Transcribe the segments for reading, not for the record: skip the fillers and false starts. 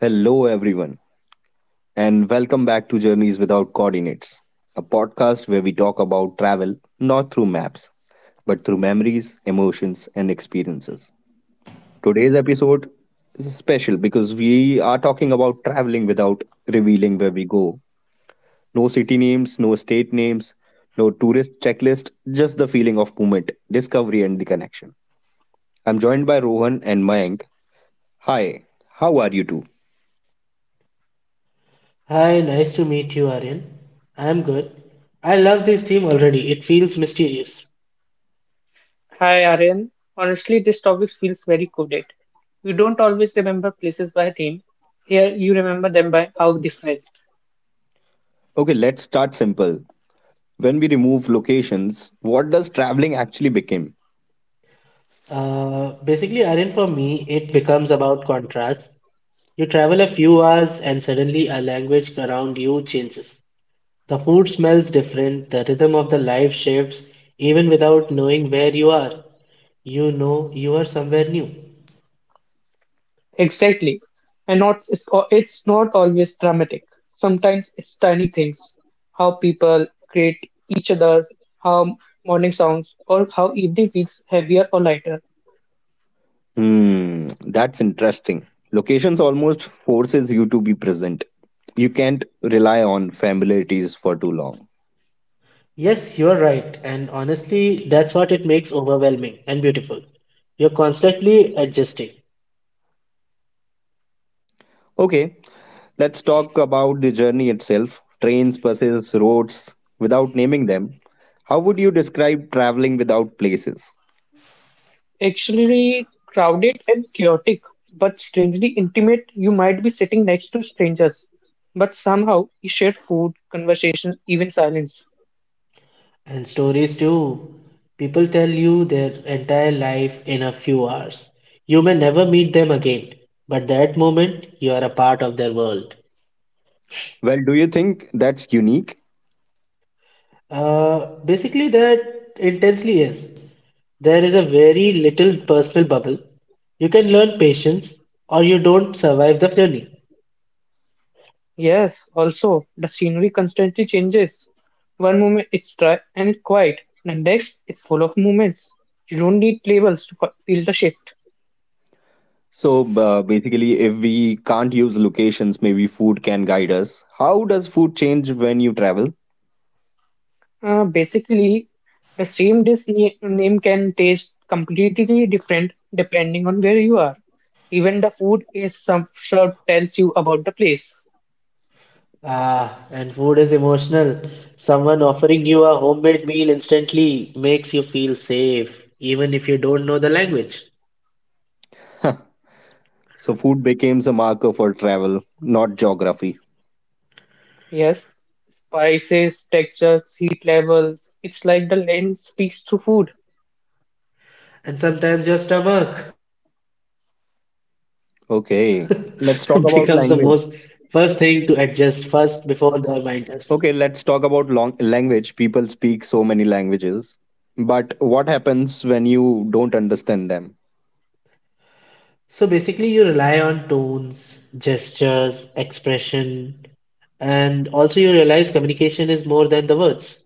Hello, everyone, and welcome back to Journeys Without Coordinates, a podcast where we talk about travel not through maps, but through memories, emotions, and experiences. Today's episode is special because we are talking about traveling without revealing where we go. No city names, no state names, no tourist checklist, just the feeling of movement, discovery, and the connection. I'm joined by Rohan and Mayank. Hi, how are you two? Hi, nice to meet you, Aryan. I'm good. I love this theme already. It feels mysterious. Hi, Aryan. Honestly, this topic feels very coded. You don't always remember places by name. Here, you remember them by how they felt. Okay, let's start simple. When we remove locations, what does traveling actually become? Basically, Aryan, for me, it becomes about contrast. You travel a few hours, and suddenly a language around you changes. The food smells different, the rhythm of the life shifts, even without knowing where you are. You know you are somewhere new. Exactly. And not, it's not always dramatic. Sometimes it's tiny things. How people create each other, how morning sounds, or how evening feels heavier or lighter. Hmm, that's interesting. Locations almost forces you to be present. You can't rely on familiarities for too long. Yes, you're right, and honestly, that's what it makes overwhelming and beautiful. You're constantly adjusting. Okay, let's talk about the journey itself. Trains, buses, roads, without naming them. How would you describe traveling without places? Actually crowded and chaotic, but strangely intimate. You might be sitting next to strangers, but somehow you share food, conversation, even silence. And stories too. People tell you their entire life in a few hours. You may never meet them again, but that moment you are a part of their world. Well, do you think that's unique? Basically, that intensely is. There is a very little personal bubble. You can learn patience or you don't survive the journey. Yes, also, the scenery constantly changes. One moment it's dry and quiet, the next it's full of movements. You don't need labels to feel the shift. So basically, if we can't use locations, maybe food can guide us. How does food change when you travel? Uh, basically, the same dish name can taste completely different depending on where you are. Even the food is some sure tells you about the place. Ah, and food is emotional. Someone offering you a homemade meal instantly makes you feel safe, even if you don't know the language. So food becomes a marker for travel, not geography. Yes, spices, textures, heat levels. It's like the lens speaks to food. And sometimes your stomach becomes the most first Okay. thing to Let's talk adjust about first language. before the reminders. Okay, let's talk about language. People speak so many languages. But what happens when you don't understand them? So basically, you rely on tones, gestures, expression, and also you realize communication is more than the words.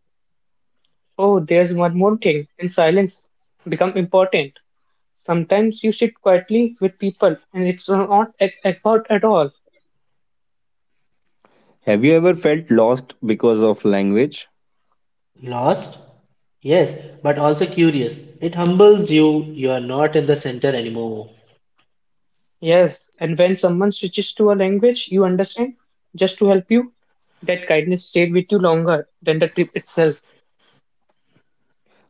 Oh, there's one more thing. And silence become important. Sometimes you sit quietly with people, and it's not effort at all. Have you ever felt lost because of language? Lost? Yes, but also curious. It humbles you, you are not in the center anymore. Yes, and when someone switches to a language you understand just to help you, that kindness stayed with you longer than the trip itself.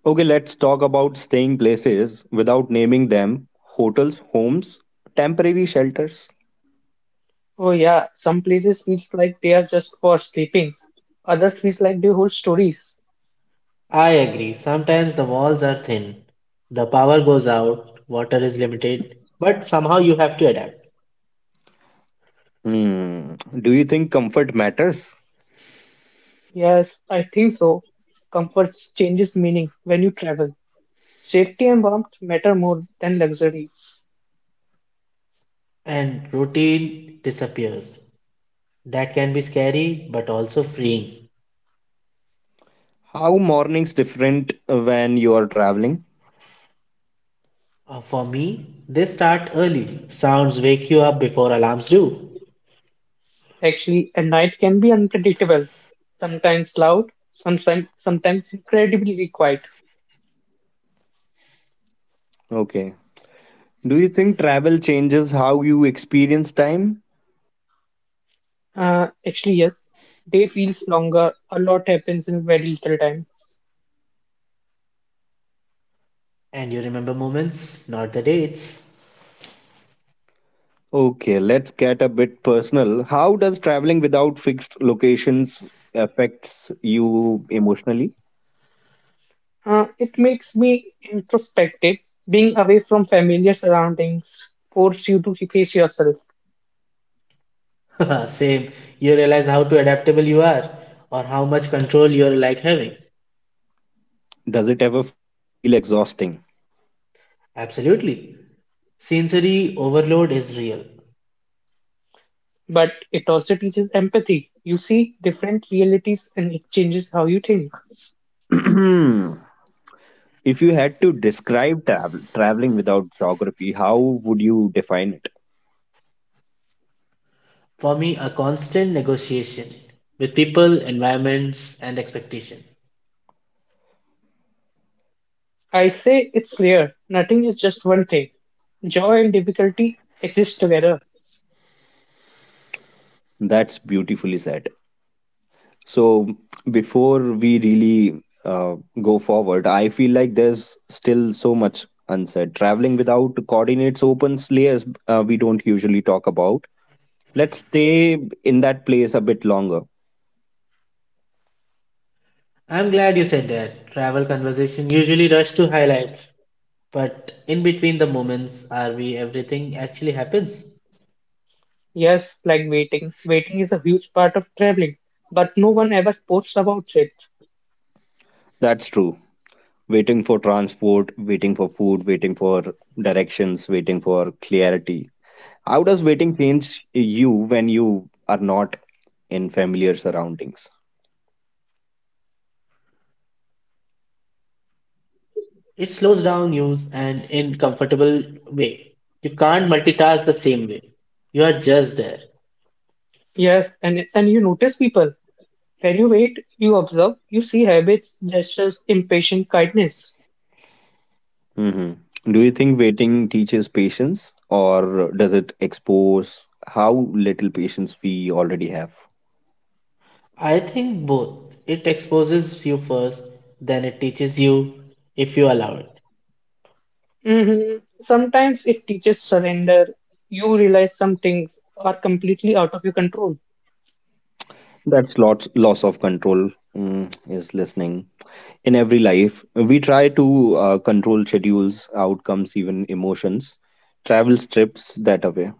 Okay, let's talk about staying places without naming them hotels, homes, temporary shelters. Oh yeah, some places feels like they are just for sleeping. Others feels like they hold stories. I agree. Sometimes the walls are thin, the power goes out, water is limited, but somehow you have to adapt. Hmm. Do you think comfort matters? Yes, I think so. Comfort changes meaning when you travel. Safety and warmth matter more than luxury. And routine disappears. That can be scary but also freeing. How mornings different when you are traveling? For me, they start early. Sounds wake you up before alarms do. Actually, a night can be unpredictable. Sometimes loud, sometimes incredibly quiet. Okay. Do you think travel changes how you experience time? Yes. Day feels longer. A lot happens in very little time. And you remember moments, not the dates. Okay, let's get a bit personal. How does traveling without fixed locations affects you emotionally? It makes me introspective. Being away from familiar surroundings force you to face yourself, Same, you realize how to adaptable you are or how much control you're like having. Does it ever feel exhausting? Absolutely. Sensory overload is real. but it also teaches empathy. You see different realities and it changes how you think. If you had to describe traveling without geography, how would you define it? For me, a constant negotiation with people, environments, and expectation. I say it's rare. Nothing is just one thing. Joy and difficulty exist together. That's beautifully said. So before we really go forward, I feel like there's still so much unsaid. Traveling without coordinates opens layers we don't usually talk about. Let's stay in that place a bit longer. I'm glad you said that. Travel conversation usually rush to highlights, but in between the moments are we everything actually happens. Yes, like waiting. Waiting is a huge part of traveling, but no one ever posts about it. That's true. Waiting for transport, waiting for food, waiting for directions, waiting for clarity. How does waiting change you when you are not in familiar surroundings? It slows down news and in comfortable way. You can't multitask the same way. You are just there. Yes, and you notice people. When you wait, you observe, you see habits, gestures, impatient kindness. hmm Do you think waiting teaches patience or does it expose how little patience we already have? I think both. It exposes you first, then it teaches you if you allow it. Hmm, sometimes it teaches surrender. You realize some things are completely out of your control. That's lots loss of control, is listening. In every life, we try to control schedules, outcomes, even emotions. Travel strips that away.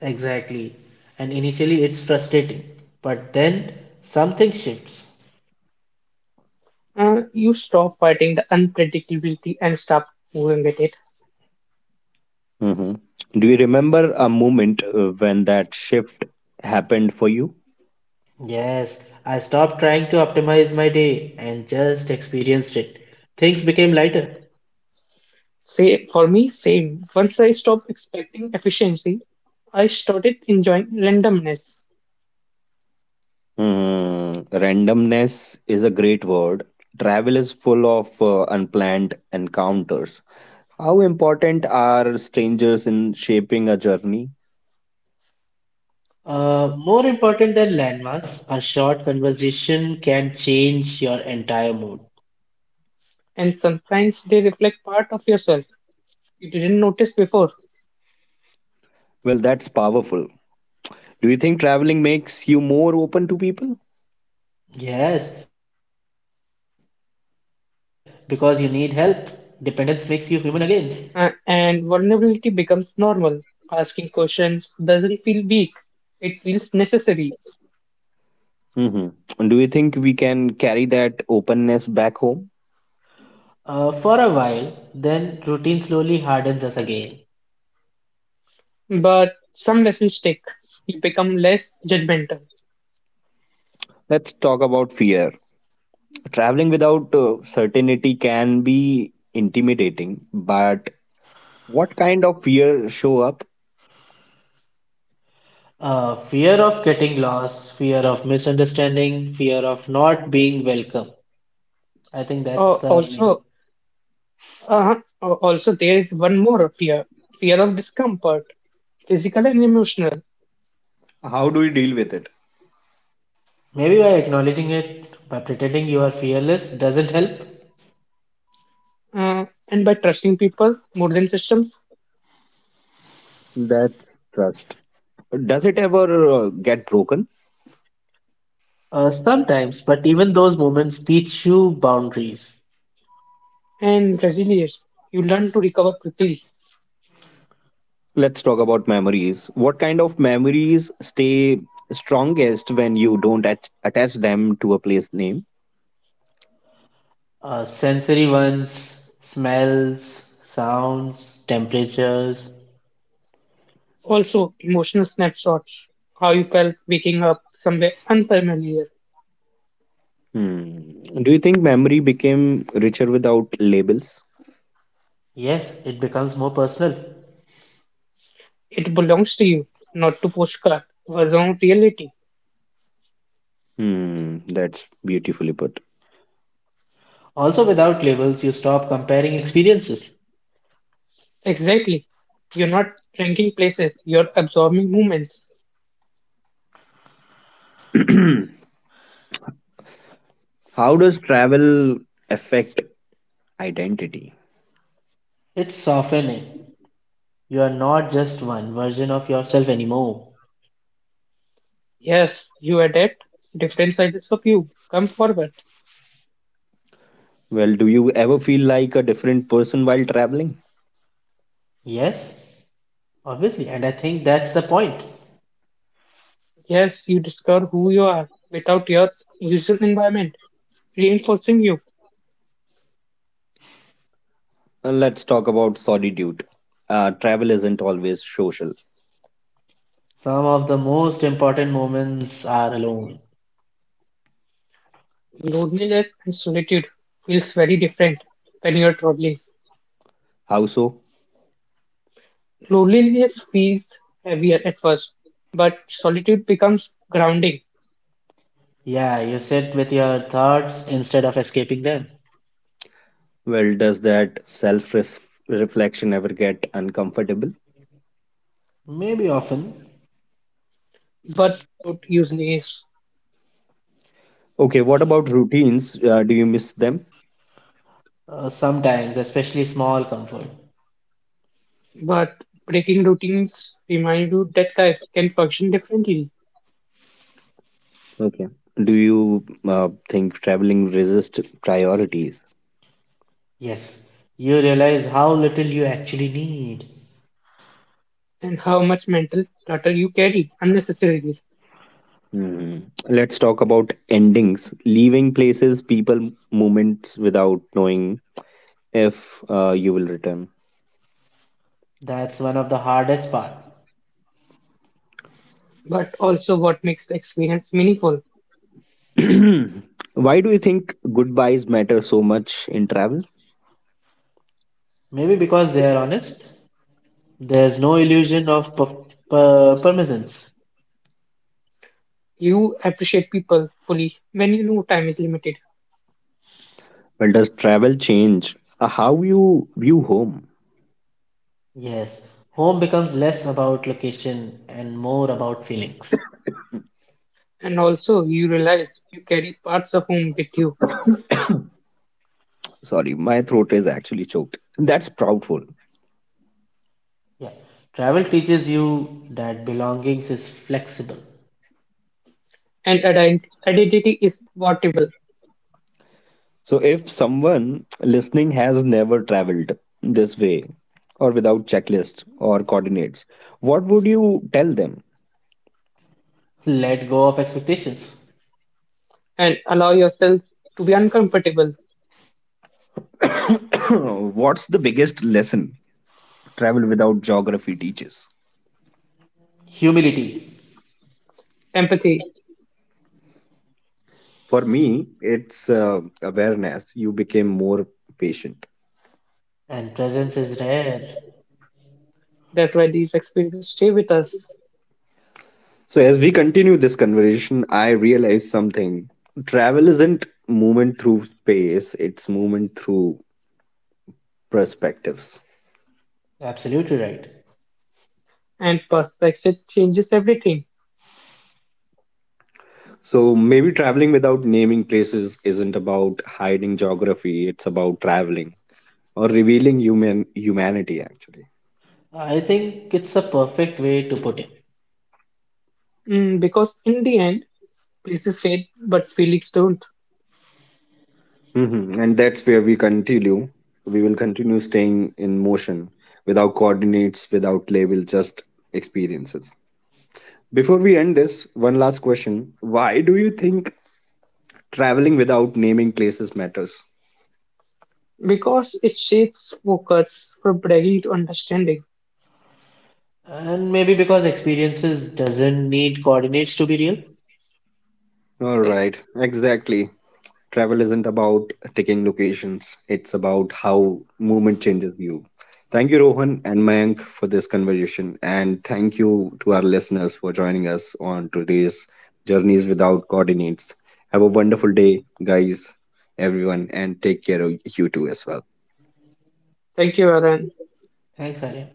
Exactly. And initially it's frustrating, but then something shifts. You stop fighting the unpredictability and start moving with it. hmm Do you remember a moment when that shift happened for you? Yes, I stopped trying to optimize my day and just experienced it. Things became lighter. Same for me, same. Once I stopped expecting efficiency, I started enjoying randomness. Hmm, randomness is a great word. Travel is full of unplanned encounters. How important are strangers in shaping a journey? More important than landmarks, a short conversation can change your entire mood. And sometimes they reflect part of yourself you didn't notice before. Well, that's powerful. Do you think traveling makes you more open to people? Yes, because you need help. Dependence makes you human again. And vulnerability becomes normal. Asking questions doesn't feel weak, it feels necessary. hmm Do you think we can carry that openness back home? For a while, then routine slowly hardens us again. But some lessons stick. You become less judgmental. Let's talk about fear. Traveling without certainty can be intimidating, but what kind of fear show up? Fear of getting lost, fear of misunderstanding, fear of not being welcome. I think that's Uh, the main. also, uh, Also there is one more fear, fear of discomfort, physical and emotional. How do we deal with it? Maybe by acknowledging it, by pretending you are fearless, doesn't help. And by trusting people more than systems That's trust. Does it ever get broken? Sometimes, but even those moments teach you boundaries. and resilience, you learn to recover quickly. Let's talk about memories. What kind of memories stay strongest when you don't attach them to a place name? Sensory ones, smells, sounds, temperatures. Also, emotional snapshots, how you felt waking up somewhere unfamiliar. Hmm. Do you think memory became richer without labels? Yes, it becomes more personal. It belongs to you, not to postcard, was on reality. Hmm, that's beautifully put. Also, without labels, you stop comparing experiences. Exactly. You're not ranking places, you're absorbing movements. How does travel affect identity? It's softening. You are not just one version of yourself anymore. Yes, you adapt. Different sizes of you come forward. Well, do you ever feel like a different person while traveling? Yes, obviously, and I think that's the point. Yes, you discover who you are without your usual environment, reinforcing you. Let's talk about solitude. Travel isn't always social. Some of the most important moments are alone. Loneliness and solitude feels very different when you're traveling. How so? Loneliness feels heavier at first, but solitude becomes grounding. Yeah, you sit with your thoughts instead of escaping them. Well, does that self reflection ever get uncomfortable? Maybe often, But it usually is. Okay, what about routines? Do you miss them? Sometimes, especially small comfort. But breaking routines remind you that life can function differently Okay. Do you think traveling resist priorities? Yes, you realize how little you actually need. and how much mental clutter you carry unnecessarily, Hmm. Let's talk about endings. Leaving places, people, moments without knowing if you will return. That's one of the hardest part. but also what makes the experience meaningful. Why do you think goodbyes matter so much in travel? Maybe because they are honest. There's no illusion of permanence. You appreciate people fully when you know time is limited, Well, does travel change how you view home? Yes, home becomes less about location and more about feelings. and also you realize you carry parts of whom with you, Sorry, my throat is actually choked. That's proudful. Yeah, travel teaches you that belongings is flexible. and identity is portable, So, if someone listening has never traveled this way or without checklist or coordinates, what would you tell them? Let go of expectations. and allow yourself to be uncomfortable. What's the biggest lesson travel without geography teaches? Humility Empathy, For me, it's awareness. You became more patient. and presence is rare. that's why these experiences stay with us, So, as we continue this conversation, I realized something. Travel isn't movement through space, it's movement through perspectives. Absolutely right. and perspective changes everything. So maybe traveling without naming places isn't about hiding geography, it's about traveling or revealing humanity actually. I think it's a perfect way to put it. Mm, because in the end, places fade, but feelings don't, And that's where we continue. We will continue staying in motion without coordinates, without label, just experiences. Before we end this, one last question. Why do you think traveling without naming places matters? because it shapes focus from bragging to understanding. And maybe because experiences doesn't need coordinates to be real. All Like, right, exactly. Travel isn't about taking locations, it's about how movement changes you. Thank you, Rohan and Mayank, for this conversation. And thank you to our listeners for joining us on today's Journeys Without Coordinates. Have a wonderful day, guys, everyone, and take care of you too as well. thank you, Aaron. Thanks, Arya.